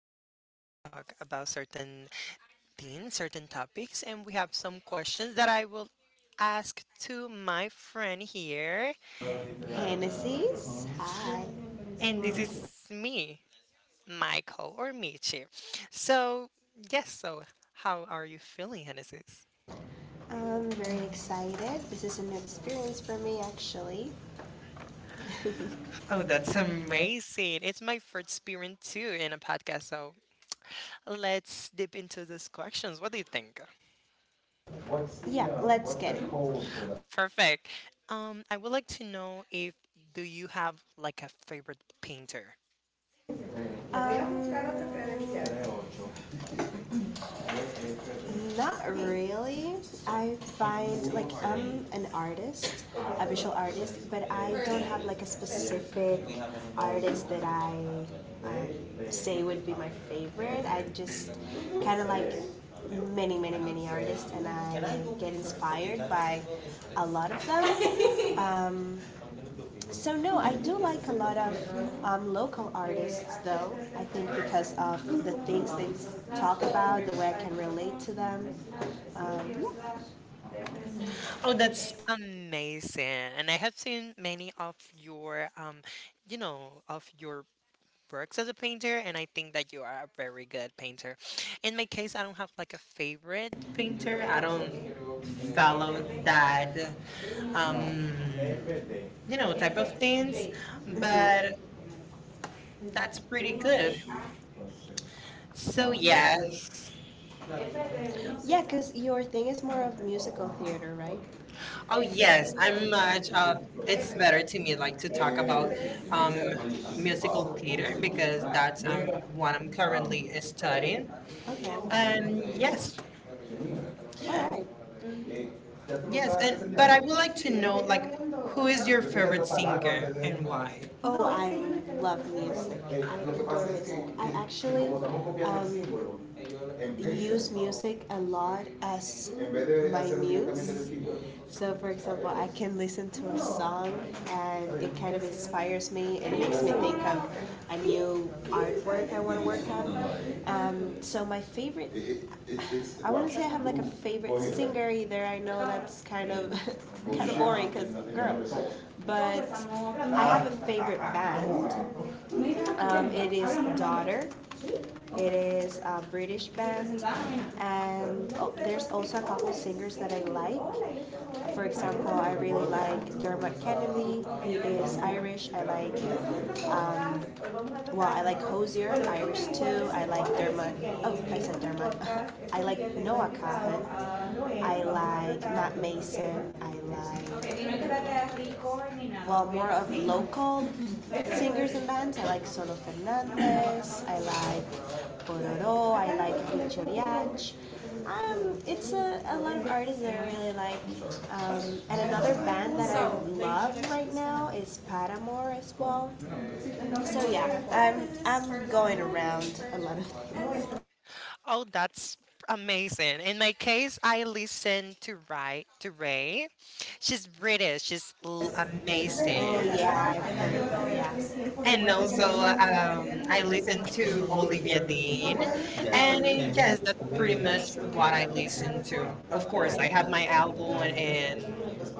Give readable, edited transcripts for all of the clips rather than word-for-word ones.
So, today we're going to talk about certain things, certain topics, and we have some questions that I will ask to my friend here. Genesis. Hi. And this is me, Michael or Michi. So, yes, so, how are you feeling, Genesis? I'm very excited. This is a new experience for me, actually. Oh, that's Amazing. amazing. It's my first experience too in a podcast. So, let's dip into these questions. What do you think? Yeah, let's get it. Perfect. I would like to know if, do you have like a favorite painter? Not really. I find like I'm an artist, a visual artist, but I don't have like a specific artist that I um, say would be my favorite. I just kind of like many, many, many artists, and I get inspired by a lot of them. So no, I do like a lot of local artists though. I think because of the things they talk about, the way I can relate to them. Um, Oh, that's yeah. amazing. And I have seen many of your you know, of your works as a painter, and I think that you are a very good painter. In my case, I don't have like a favorite painter. Painter. I I don't don't follow follow that, that, um, um, you know, type type of of things, things, but but that's that's pretty pretty good. good. So yeah. Yeah, because your thing is more of musical theater, right? Oh Oh yeah, yes, I'm a I'm much. It's better to me like to talk talk about, about um, um, musical musical theater theater because because that's that's what what what I'm I'm currently currently studying. studying. Okay. And yes, Yes, all right, mm, yes, and yes, but but I I would would like like to to know know like like who who is is your your favorite favorite singer singer and and why? why? Oh, I love music. I adore music. I actually use music a lot as my muse. So, for example, I can listen to a song and it kind of inspires me and makes me think of a new artwork I want to work on. So, my favorite, I wouldn't say I have like a favorite singer either. I know that's kind of kind of boring because girl, but I have a favorite band. It is Daughter. It is a British band, and oh, there's also a couple singers that I like. For example, I really like Dermot Kennedy. He is Irish. I like, um, well, I like Hosier, Irish too. I like Dermot. Oh, I said Dermot. I like Noah Kahan. I like not Mason, I lied. Okay, no. Well, ok. More of local singers and bands. I like Solo Fernandez. I like Pororo. I like Vichoriach. It's a lot of artists that I really like. And another band that I love right now is Paramore as well. So yeah, I'm going around a lot of things. Oh, that's amazing. In my case, I listen to Ray. To Ray, she's British. Oh Amazing. yeah, I've heard. Yeah. And And also, also, I I listen to to only be Olivia here. Dean, and And yes, yes, that's pretty pretty much much what what I I listen listened to. to. Of Of course, course, I I have my album went and in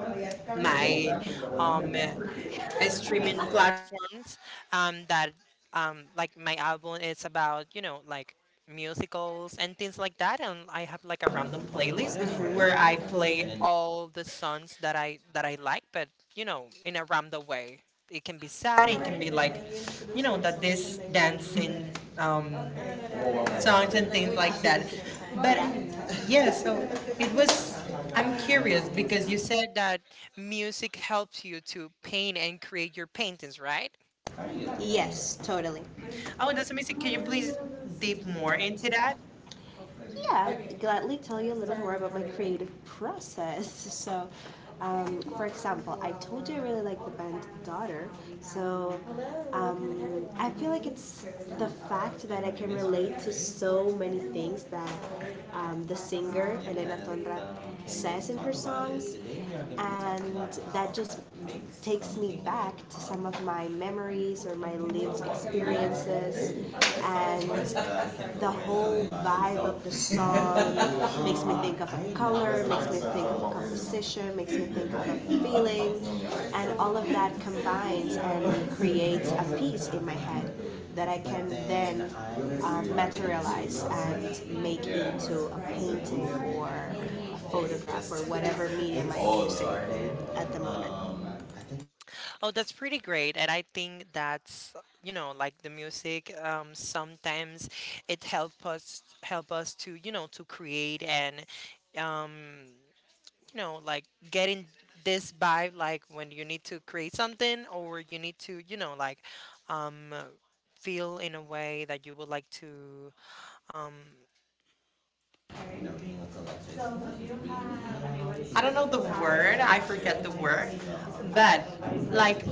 my my um streaming streaming platform platforms, that like my album is about, you know, like musicals and things like that, and I have like a random playlist playlist where where I play all the songs that I like, but, you know, in a random way. It can be I sad, it can can be be like, like, you you know, know, that, this dancing, dancing um, um songs song. and things like But that. But yeah, yeah, so so it it was. was. I'm I'm curious curious because because you you said, said that music helps you to paint and create your paintings, right? yes, totally. Oh, that's amazing. Can Can you you please please deep deep more. more into that? Yeah, I'd gladly tell you a little more about my creative process. So, for example, I told you I really like the band Daughter. So, I feel like it's the fact that I can relate to so many things that the singer Elena Tonra says in her songs, and that just takes me back to some of my memories or my lived experiences and the whole vibe of the song makes me think of a color, makes me think of a composition, makes me think of a feeling, and all of that combines and creates a piece in my head that I can then materialize and make into a painting or a photograph or whatever medium I'm using at the moment. Oh, that's pretty great. And I think that's, you know, like the music, sometimes it help us to, you know, to create and um you know, like getting this vibe, like when you need to create something or you need to, you know, like, um, feel in a way that you would like to. Um, I I don't don't know know the the word, word, I I forget forget the the word, word, but but like like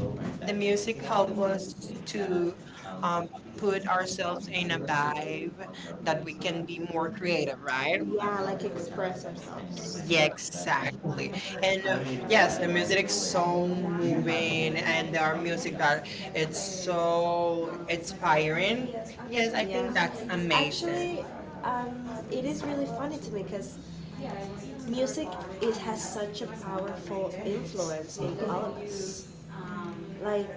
the the music music help helped us us to to, um, um, put put ourselves ourselves in in a a vibe vibe that that we we can can be be more more creative, creative, right? right? Yeah, like express ourselves. Yeah, Yes, exactly. exactly. And And yes, yes, the the music music is is so so moving, moving, and and there there are are music music that that it's it's so so inspiring. inspiring. Yes, Yes, I, I yeah, think think that's that's amazing. amazing. Actually, it is really funny to me because music it has such a powerful influence in all of us. Like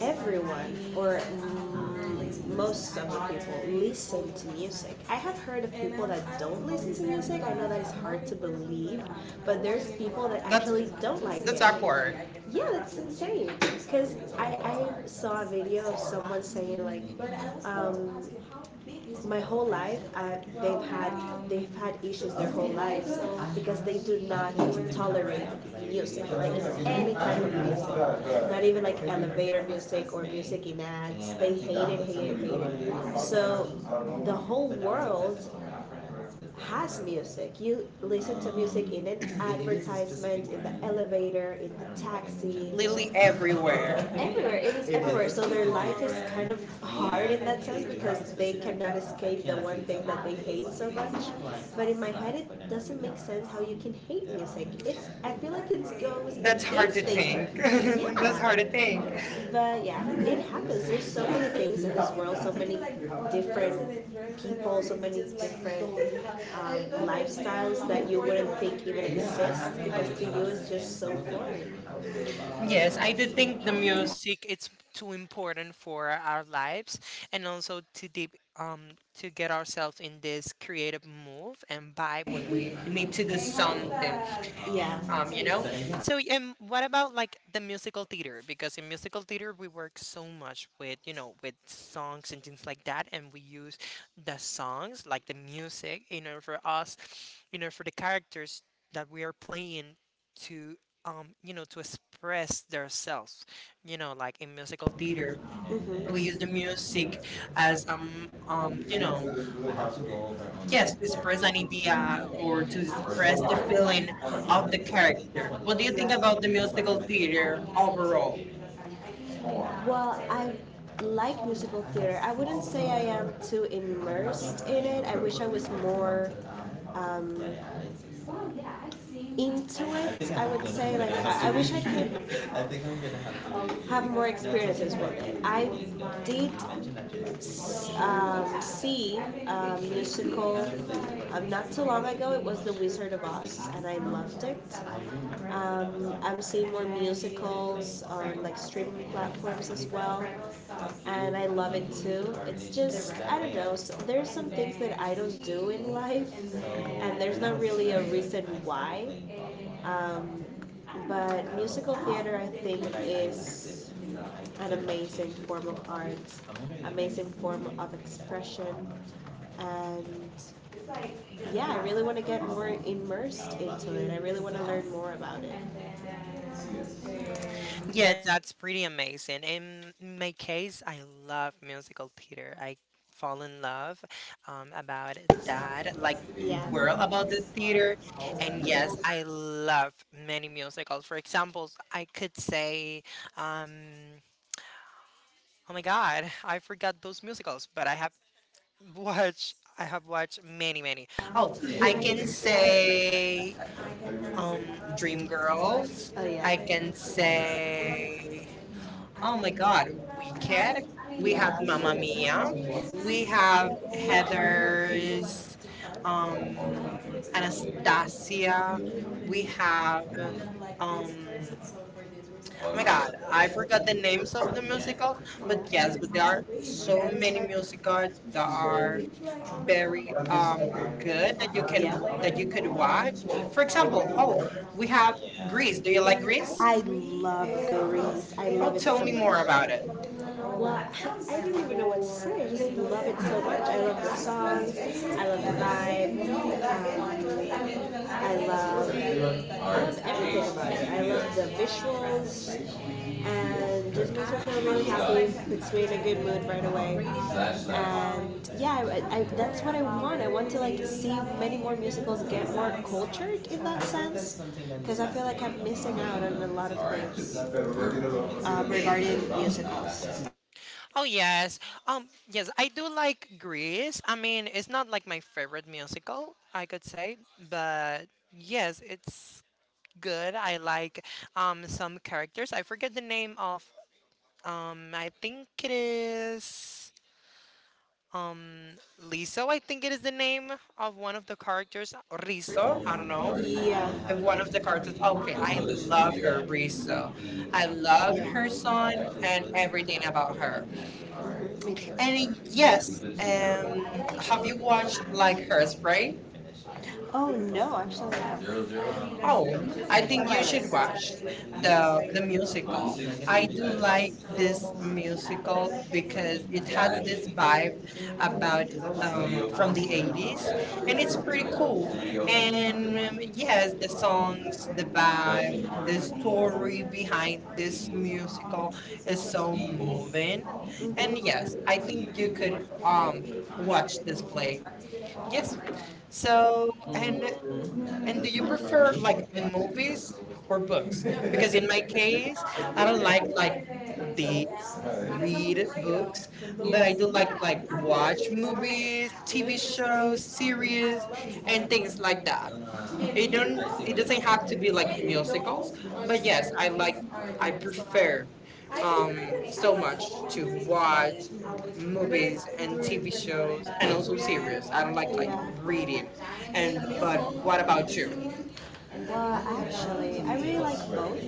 everyone or most of the people listen to music. I have heard of people that don't listen to music. I know that it's hard to believe, but there's people that That's actually don't like. that's That's it, awkward. awkward. Yeah, that's insane. Because I saw a video of someone saying, like, um, my whole life, they've had issues their whole lives because they do not tolerate music, like any type of music, not even like elevator music or music in ads. They hate it, hate it, hate it. So the whole world has music. You listen to music in an advertisement, in the elevator, in the taxi, Lily literally everywhere. everywhere. everywhere. It is everywhere. So their life is kind of hard in that sense because they cannot escape the one thing that they hate so much. But in my head, it doesn't make sense how you can hate music. It's I feel like it goes. That's That's hard hard to to think. instinct take. Yeah. That's hard to think. But yeah, it happens. There's so many things in this world, so many different people, so many different lifestyles that you wouldn't think even exist because to you it's just so foreign. Yes, Yes, I do think the the music music it's too important for our lives, and also to deep to get ourselves in this creative move and vibe when we need need to to do do something. something. Yeah. You know, so, and what about like the musical theater? Because in musical theater we work so much with, you know, with songs and things like that, and we use the songs like the music in order for us, you know, for the characters that we are playing to, you know, to express themselves, you know, like in musical theater Theater. Mm-hmm. we We use use the music as, the um, you you know, know, yes, yes, to to express express an an idea idea or or to to express express the the feeling feeling of of the the character. character. What What do do you you think think about about the the musical musical theater theater overall? overall? Well, I like musical theater. I wouldn't say I am too immersed in it. I wish I was more um, into it. I would say like I wish I could have more experiences with it. I did see a musical not too long ago. It was The Wizard of Oz, and I loved it. I'm seeing more musicals on like streaming platforms as well, and I love it too. It's just I don't know. So there's some things that I don't do in life, and there's not really a reason why. Um, but musical theater, I think, is an amazing form of art, amazing form of expression, and yeah, I really want to get more immersed into it. I really want to learn more about it. Yeah, Yeah, that's pretty amazing. In my case, I love musical theater. I fall in love, about that, like yeah. world World. about the theater. And And yeah, yes, I love many musicals. For example, I could say, um, oh my God, I forgot those musicals, but I have I have watched many, many. Oh, I I can can sing say, home um Dream Dream Girl. Girls. Oh yeah. I I can can say, oh my God, Wicked. sing Weekend. We, We have Mamma yeah, Mia. have We we have had Heather's, um um Anastasia. Anastasia. We We had have, um oh Oh my my god, god, I forgot the names of so the many- musicals, but but yes, yes, but there there are are so so many many musicals musicals that are very very good good that that you can, yeah, that that you you could could watch. watch. For For example, example, oh, oh, we we have have Grease. Greece. Do Do you you like like Greece? Grease? I love Greece. I Oh, love it. tell Tell so me me more more much about about it. it. Well, I don't even know what to say. I just love it so much. I love the songs. I love the vibe. Um, I love everything about it. I love the visuals and just makes me feel really happy, puts me in a good mood right away. And yeah, that's what I want. I want to like see many more musicals get more cultured in that sense, because I feel like I'm missing out on a lot of things regarding musicals. Oh yes, yes, I do like Grease. I mean, it's not like my favorite musical, I could say, but yes, it's good. I like some characters. I forget the name of, I think it is um Liso. I think it is the name of one of the characters, or Riso. Oh, I I don't know. know Yeah, if one of the characters. okay, Okay, I I love love her, her, Riso. Risa. I I love love her her son and and everything about her. her. And yes, Yes, and um, have have you you watched watched like like Hairspray? Hairspray? Oh no, actually, I have. Oh, Oh, I I think think you you should should watch watch the the the the musical. musical. I I do do like like this this musical, musical because because it it has has this this vibe vibe about, of, from from the the 80s, eighties, and and it's it's pretty pretty cool. cool. And um, And yeah, yes, the songs, the the vibe, vibe, the the story story, behind this this musical musical is is so so moving, moving. And and yes, I I think think you you could could um watch watch this this play. play. Yes. Yes. So, And, and, and and do do you you prefer prefer like like movies movies or or books? books? Because Because in my case, I I don't don't like like like the books, read read books, books, but but I I do do like like like watch watch movies, movies, TV shows, shows, series, series, and and things like that. it It don't don't it it doesn't doesn't have have to to be be like like musicals, musicals, but but yeah, yes, I I prefer prefer um so so much much to to watch watch movies movies and and TV TV shows shows and and also also series. series. I I don't don't like like like reading. reading. And And But but what what about about you? you? Well, actually, I really like both.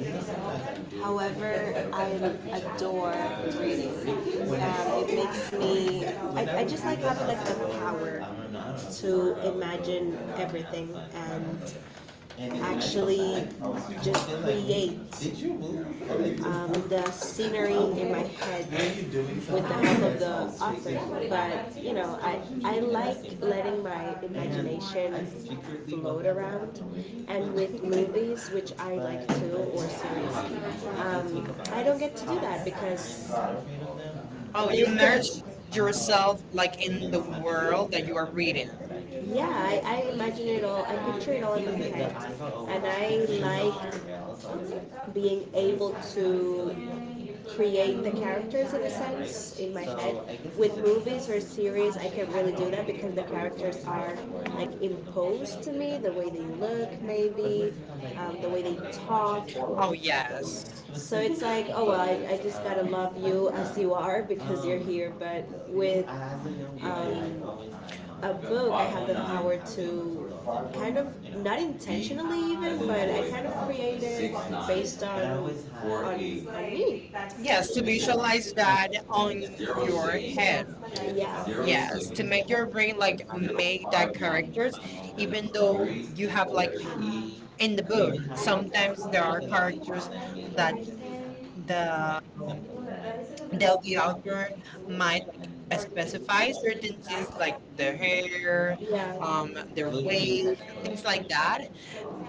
However, I adore reading. It makes me. I just like having like the power to imagine everything and actually like, just like, create, like, the scenery in my head with the help of the that's author. But I like letting my imagination float around. And with movies, which I like too, or series, I don't get to do that because sorry for. Oh, Oh, you you merged imagine yourself yourself like like in in the the world world, that you are reading. yeah, I imagine it all. I picture it all in my head, and I like being able to create the characters in a sense in my head. With movies or series, I can really do that because the characters are like imposed to me. The way they look, maybe, the way they talk. Oh, Oh, yeah. yes. So it's like, oh well, I just gotta love you as you are because you're here. But with a book, I have the power to kind of not intentionally even, but I kind of create it based on on me. Yes, Yes, to to be someone visualize that on your your head. head. Yeah. Yeah, Yes, to to make make your your brain like interest, make that characters, even even though though you you have have like like in in the the book, book, sometimes sometimes there there are are interest characters that that that the they'll that the author my might like specify certain things like the hair, yeah, their their weight, weight, things things like, like that.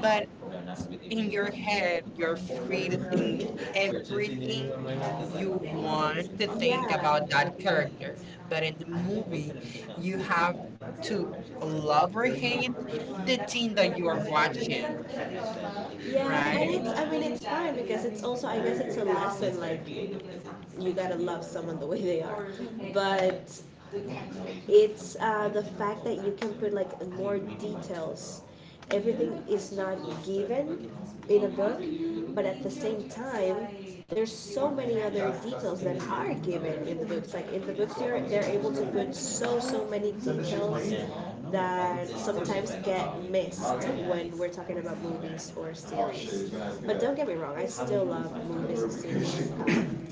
But that. But in in your your hand, head, you're you're free free to to think do everything everything you you want to want to think think about. about But that character. But in the movie, movie, you you have have to to love love or everything hate the thing that that you you are are watching. watching, Yeah, right? right? And it's, I mean, it's fine because it's also, I guess it's a lesson, like, you gotta love someone the way they are. But it's the fact that you can put like more details. Everything is not given in a book, but at the same time, there's so many other details that are given in the books. Like in the books, they're able to put so many details that sometimes get missed when we're talking about movies or series. But don't get me wrong, I still love movies and series.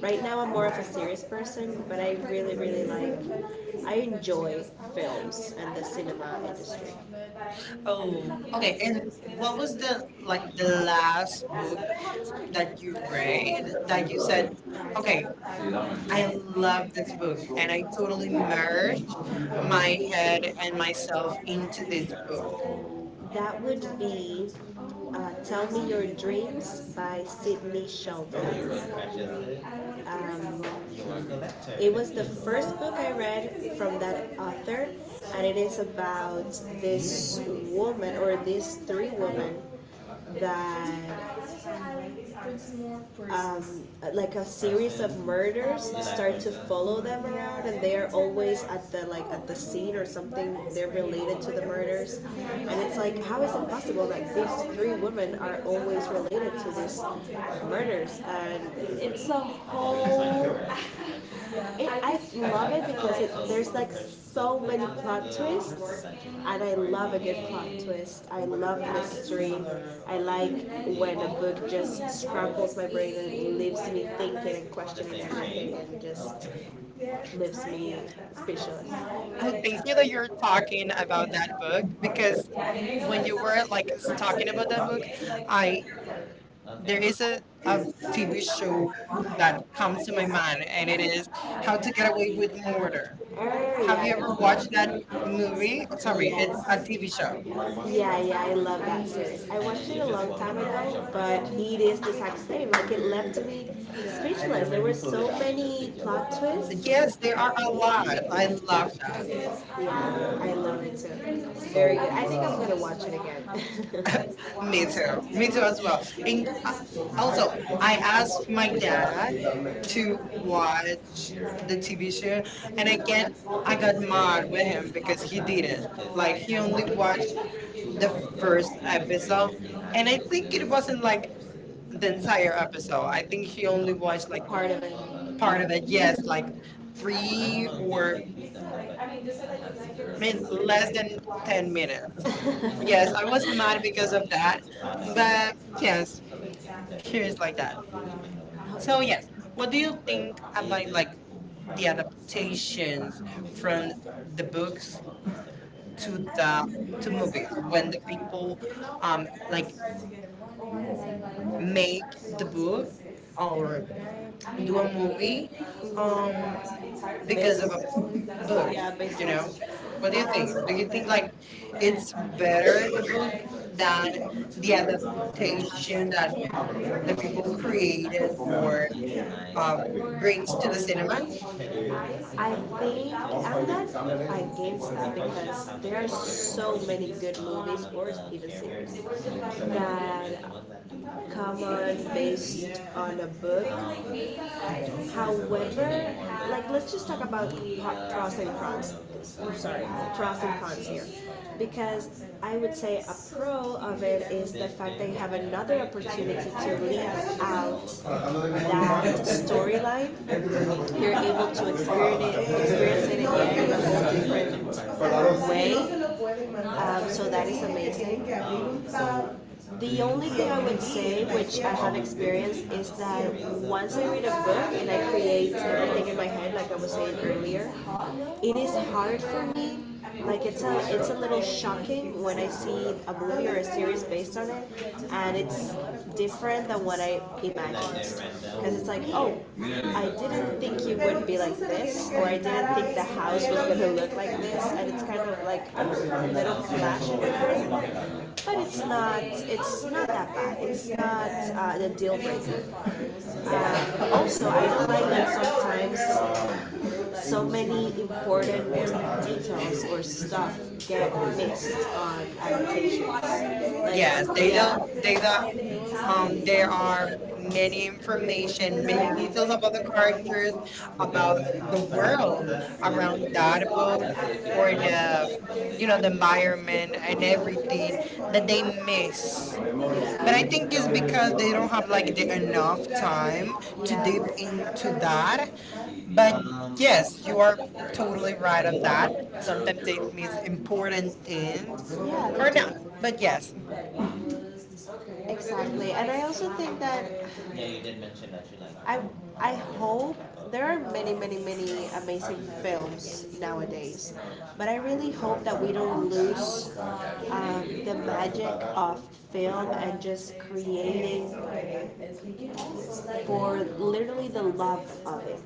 Right now, I'm more of a serious person, but I really, really like. I enjoy films and the cinema industry. Oh, Oh, okay. okay. And And what what was was the the like the last book that that you you read read that that you you said, said, okay, okay, I I love love this this book book and and I I totally totally merged merged my my head head and and myself myself into into this this book. book? That would be Tell Me Your Dreams by Sidney Sheldon. Um, it was the first book I read from that author, and it is about this woman or these three women that um, like a series of murders start to follow them around, and they are always at the like at the scene or something. They're related to the murders, and it's like, how is it possible that these three women are always related to these murders? And it's a whole I love it because there's like so many plot twists, and I love a good plot twist. I love mystery. I like when a book just scrambles my brain and leaves me thinking and questioning everything and just leaves me speechless. I'm Oh, thank thankful you that that you're you're talking talking about about that that book book because because when when you you were were talking talking, about that book, I I there there is is a a TV TV show show that that comes comes to to my my mind, mind and it is how How to to Get Get Away Away with with Murder. Murder. Oh, Have have you you ever ever yeah. watched watched that the movie? movie? Oh, Sorry, sorry, it's it's a a TV TV show. show. Yeah, yeah, I love that series. I watched it a long time ago, but it is the exact same. Like it left me speechless. There were so many plot twists. Yes, Yes, they there are are. a lot. I And love love. that. Yeah, I love it too. Very good. I think I'm gonna watch it again. Me Me too. too. Me Me too too. I as well. And think- Also, also, I I asked asked my my dad dad to to watch watch the the TV TV show, show. and I I got mad can't with get him him because because he he didn't. didn't. Like Like he he only only watched watched the the first first episode, episode, and and I I think think it it was wasn't like the the. entire episode. I I think think he he only only watched watched like like part of it. Part part of it. Yes, like three three or or I I mean mean, less less than than ten 10 minutes. minutes. Yes, Yes, I I was was mad mad because because of of that, that, but but yes, yes, here's here's like like that. that. So So yes, yes, what what do do you you think think about about like like the the adaptation adaptations from from the the books books to to the the to to movies movies? when When the the people people, like like, make make the the book book or or do do a a movie, movie um um because because of of a a book, book, yeah, based you you on know. know, what What do do you you think? think? Do Do you you think think like it's it's better better the book than than the the adaptation adaptation that that the the people people created created or or um brings brings to to the the cinema? cinemas? I think I'm not against that because there are so many good movies or even series that come on based on a book. However, like let's just talk about pros and cons. I'm sorry, pros and cons here. Because I would say a pro of it is the fact that you have another opportunity to leave out that storyline. You're able to experience it again in a whole different way. So that is amazing. So the only thing I would say, which I have experienced, is that once I read a book and I create everything in my head, like I was saying earlier, it is hard for me. Like it's a little shocking when I see a movie or a series based on it, and it's different than what I imagined. Because it's like, oh, I didn't think you would be like this, or I didn't think the house was gonna look like this, and it's kind of like a little clash in the first but it's not that bad. It's not the deal breaker. Also, I don't like that sometimes so many important details or stuff get missed on adaptations. Like, yeah, Yes, they they yeah, don't, don't, they they do don't, um, there there are are many misinformation, information, many many details details about about the the characters, characters, about about the the world world around around the dog, that or book or the, the, you you know, know, the the body, environment and and everything, everything that that they they but miss. But I I think think it's it's because because they they don't don't have have really enough time to like the dig enough time to dip into into that. that. But But yes, yes, you you are are totally totally right right on on that. that. So Sometimes it's they miss important important in things or yeah, not. But yes, exactly. And I also think that yeah, you did mention that you like. I hope there are many, many, many amazing films nowadays, but I really hope that we don't lose the magic of film and just creating for literally the love of it.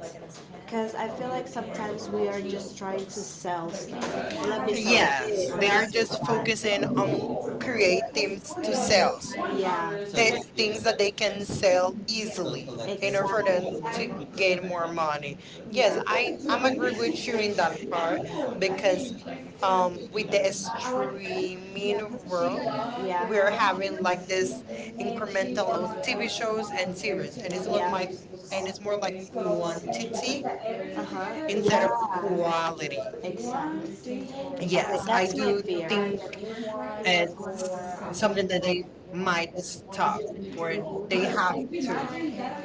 Because I feel like sometimes we are just trying to sell stuff. Let me sell yeah, this, Yes, let they they me are are sell just that. Focusing focusing on on create creating things to to sell sell, yeah, things that they can sell easily easily in in order for order them to exactly. to, gain more money. Yes, yes, I'm I'm agree agree with with you you in in that that part part because because with the it's true we in the streaming world world yeah, we are where having like this this incremental of incremental TV TV shows shows and and series, series, and and it's it all was yeah. my like and it's it's more more like like school on quantity TV instead instead of of yeah, quality. quality. Exactly. Exactly. Yes, exactly. I Yes, I that's my do do fear. Think think it's something something that that they they might might stop, stop, or or they they have, have to. yes.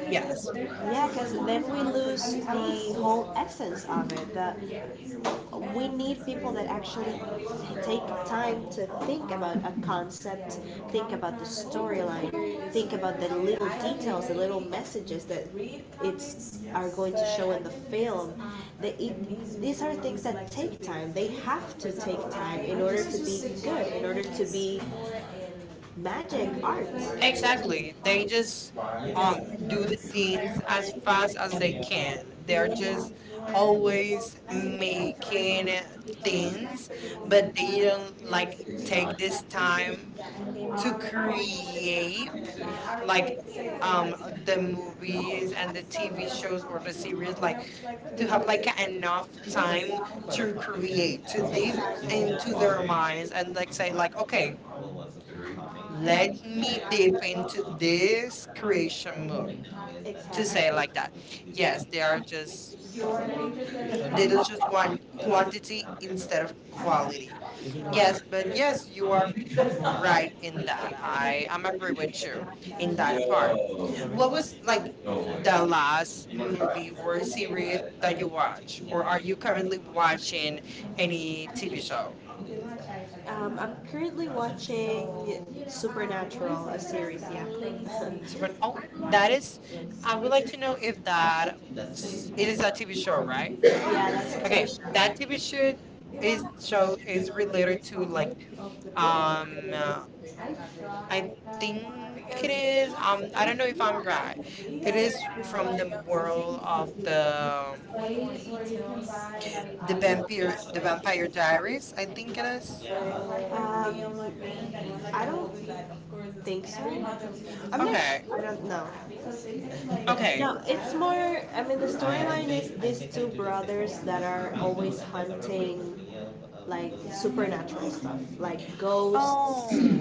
Yes, Yeah, because then we lose the whole essence of it. The we need people that actually take time to think about a concept, think about the storyline, think about the little details, the little messages that it's are going to show in the film. They, it, these are things that take time. They have to take time in order to be good, in order to be magic art. Exactly. exactly. They They just just um um, do do the the scene things as as fast fast as as they they can. can. They They're are just just always always making making things, things, but but they they don't don't like like take this time take to to create create like, like um, um the the movies movies and and the the TV TV shows shows or or the the series, series, like like to to have have like enough time time to to create, create, to to deep live into into their their mind, minds and like say like, okay, well, let let me them deep into into this creation creation mode, one, to to exactly. say say, like that. Yes, they are just they they don't look just like one, want one quantity instead instead of of quality. quality. Yeah. Yes, but yes, you are Right, right in that. I'm agree with you sure, in in that that. part. What What was was like the the, last you movie or were serious, series that you watch, or or are are you you currently currently watching? watching any TV show? I'm currently watching Supernatural, a series. Yeah. So, but, oh, that is. I would like to know if That, it it is is a a TV show, show, right? right? Yeah, that's Okay, okay. that TV show This is show show is is related related to to like like um uh, I I think think it it, is I don't know if I'm right. It it is is from from the the world of the the the the vampire Baptist the the Baptist. Vampire Diaries. I think it is. Um, I don't think so. I'm not okay. Okay. sure. I don't know. Okay. Okay. No, it's more. I mean, the storyline is these two brothers that are always hunting like supernatural stuff, like ghosts. Oh, Oh,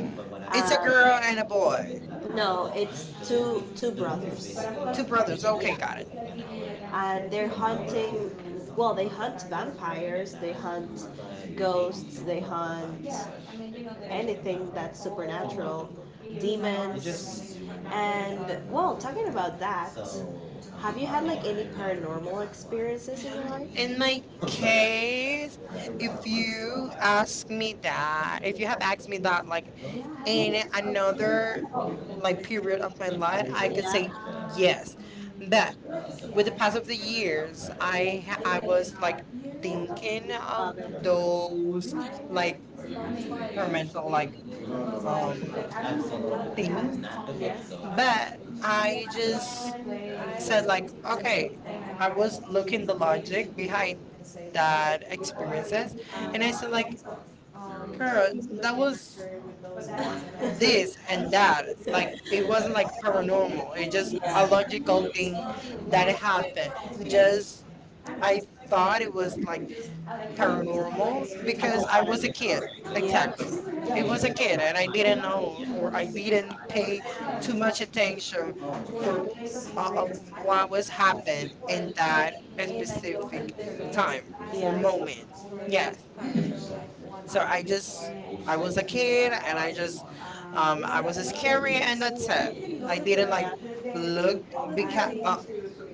it's a a girl and a boy. no, it's two brothers, Two two brothers. brothers, Okay, okay. got it. And they're hunting. Well, they hunt vampires, they hunt ghosts, they hunt anything that's supernatural, demons, and well, talking about that, have you had like any paranormal experiences in your life? In In my my case, case, if if you you ask ask me that, if you have asked me that, me like any in other, another like like period period, of my life, I could say yeah, yes. But with with the the pass past, of the years, I I was was like like thinking thinking of of those those like like experimental environmental like um things, things, but but I I just just said said like, like okay, okay, I I was was looking looking at the the logic logic behind behind that that experiences, experiences and and I said like I girl girls that that was was this this and and that. that, like it It wasn't wasn't like paranormal. paranormal, It it just just a a logical logical thing thing that that happened. just Just I I thought it was like like her paranormal morals because because I I was a wasn't kid. exactly. Exactly, it It was a wasn't kid and I you didn't know, know or or I didn't pay I too too much much in the room attention for for of while what was happened in in that that at specific the time time or yeah. moment. moment. Yeah. Yes. So So I, I I was was a a kid and I just I I was was a careful. scary and that's I it. I didn't like like look, look because because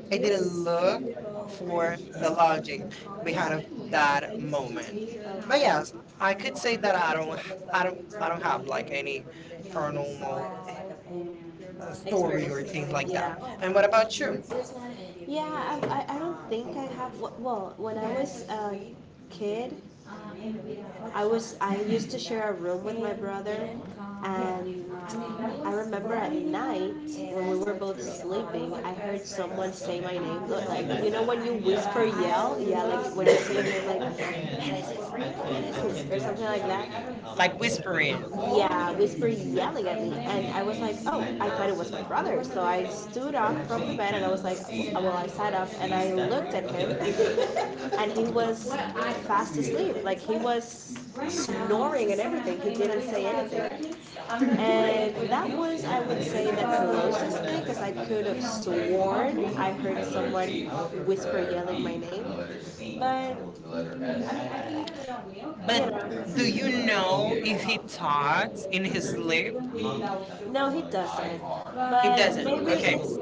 I I didn't didn't look look for for the the lodging love behind of behind that that moment. moment. But But yes, I could say that I don't h- I I don't I don't have like any hurdle paranormal story story or or things things like that. like that. Yeah. And And what what about about you? you? Yeah, I don't think I have. Well, well, when I was a kid, I used to share a room with my brother, and I remember at night when we were both sleeping, I heard someone say my name. Look, like you know when you whisper yell, yeah, like when you say your name, like "Francis," or something like that. Like Like whispering. whispering. Yeah, whispering, yelling at me, and I was like, oh, I thought it was my brother. So I stood up from the bed and I was like, well, I sat up and I looked at him, and he was fast asleep. Like he was snoring and everything. He didn't say anything. And that was, I would say, the closest thing because I could have sworn I heard someone whisper yelling my name. But But But do do you you know know if he God talks in in his his slave? sleep? No, he doesn't. He but He he doesn't. doesn't. Maybe okay. Okay, it's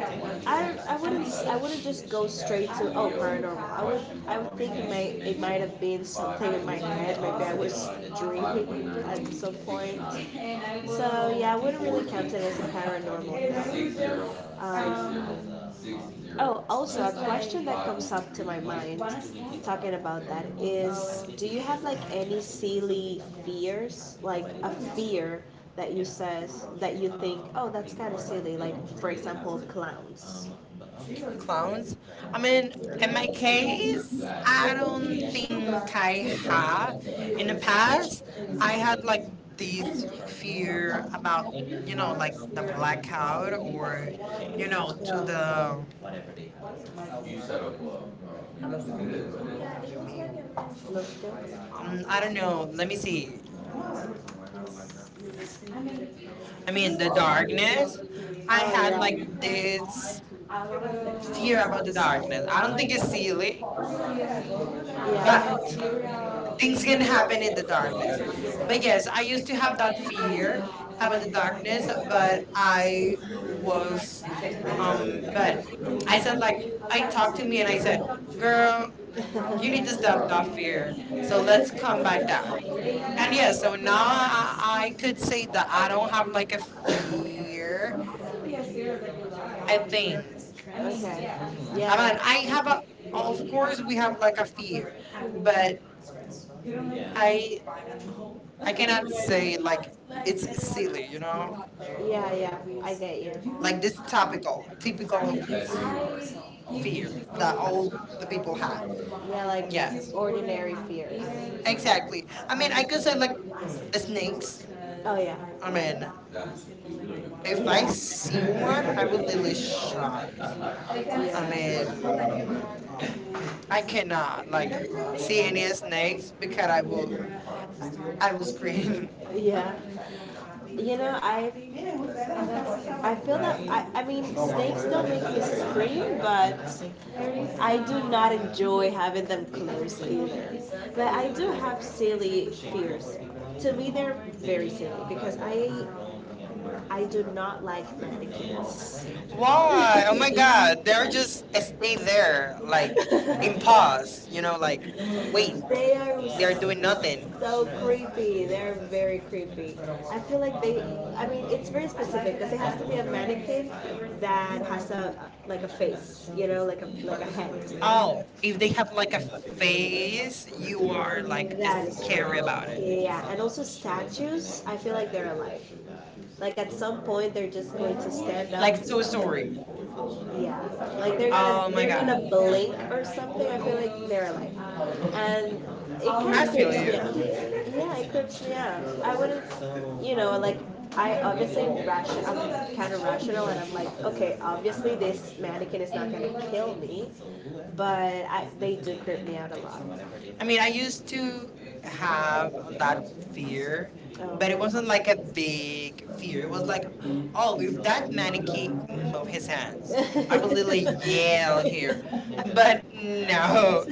I wouldn't just go straight to oh paranormal. I would think it may it might have been something in my head. Maybe I was dreaming at some point. So yeah, I wouldn't really count it as a paranormal. No. Oh, also a question that comes up to my mind talking about that is do you have like any silly fears? Like a fear that you says that you think, oh that's kinda silly, like for example clowns. Clowns. clowns. I mean, In in my my case, case, I I don't think think I I have have. In in the the past, past, I I had like this did fear fear about, about, you you know, know, like the cloud blackout or, or, you you know, know, to to the, um, I don't know, um, let let me me, see. I mean, the darkness. I had like I did this fear Sierra about the Hundred darkness. Thousand. I I don't think it's silly, but but things these are- can happen in the darkness. but But yes, I used to have that fear here, about about the the dark darkness, but I was, was um, but but I I, said like like I I talked talked to to me me and and I I said, said, girl, "Girl, you you need need to to stop stop that that fear. fear. So So let's let's come come back back that down." way. And And yeah, yes, so so now now I I could, could say that I I don't don't have have like like a a, fear. I I think, think okay. I'm yeah. I mean I'm I have a, like, of okay, course we have like a fear, but but yeah. I I I cannot have say like it, it's silly, you you know. know, yeah, yeah, I get you. Like Like this topical, it's typical fear s- fear that that all all the the people people have. have. Yeah, like yeah. Yes, ordinary fears. I, exactly. I mean, I could say like it's snakes. news. Oh yeah. I mean, They if I like see one, I would more literally shocked. I mean, I cannot not like like see seeing any his snakes snakes because because I I will was free. scream. Yeah. You know, I feel that I mean snakes don't make me scream, but I do not enjoy having them close either. But I do have silly fears. To me, they're very silly because I do not like mannequins. Why? Oh my God! They're just stay there, like in Impossible. pause. You know, like Wait, wait. they are They're doing nothing. so creepy. They're very creepy. I feel like they. I mean, it's very specific because it has to be a mannequin that has a like a face. You know, like a head. Oh, Oh, if they have like a face. face, you You are are like like that is scary scary. about it. Yeah, and also statues. I feel like they're alive. Like at some point, they're just going to stand up. Like Like Toy Toy Story. Story. Yeah, like they're gonna oh Oh my my they're god. god, Gonna blink or something. I feel like they're alive, and it I kind of feel creeps you. me out. Yeah, it creeps me out. I wouldn't, you know, like I obviously ration. I'm kind of rational, and I'm like, okay, obviously this mannequin is not gonna kill me, but I they do creep me out a lot. I mean, I used to have that To fear, fear, oh. but but it wasn't like a big fear. fear It was was like, like, oh, oh, is if that that many mannequin move his I hands, I would was in literally the yell yell here. here, But but no, no,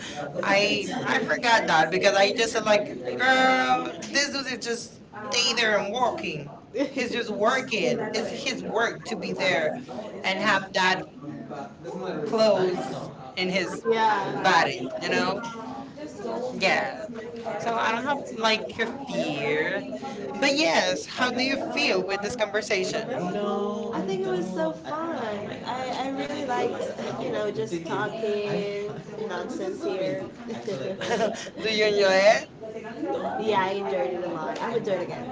I, I I- forgot that because because I just said like, like, girl, girl, this this, dude is just stay stay there there and and walking. walking. He's It's just just working, working. it's It's his his work work to to be be there there and and have that clothes clothes in in his his yeah. body, body, you you know? know? Yeah, Yeah. So so I I don't have was like like a for years, fear. But but yes, how do do you you feel feel with with this this conversation? conversation? No. I think it was so don't. Fun. I really liked, you know, just talking nonsense here. do You you enjoy enjoyed it? it? Yeah, I enjoyed it a lot. I would do it again.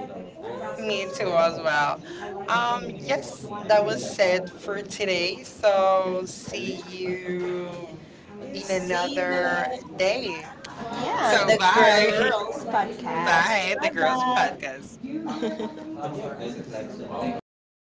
Me Me too. too as well. Um, yes, Yes, that that was was it. said for today. So So see see you you in next another day. yeah, so, So the bye. bye. Girls podcast. bye the girls podcast. Bye.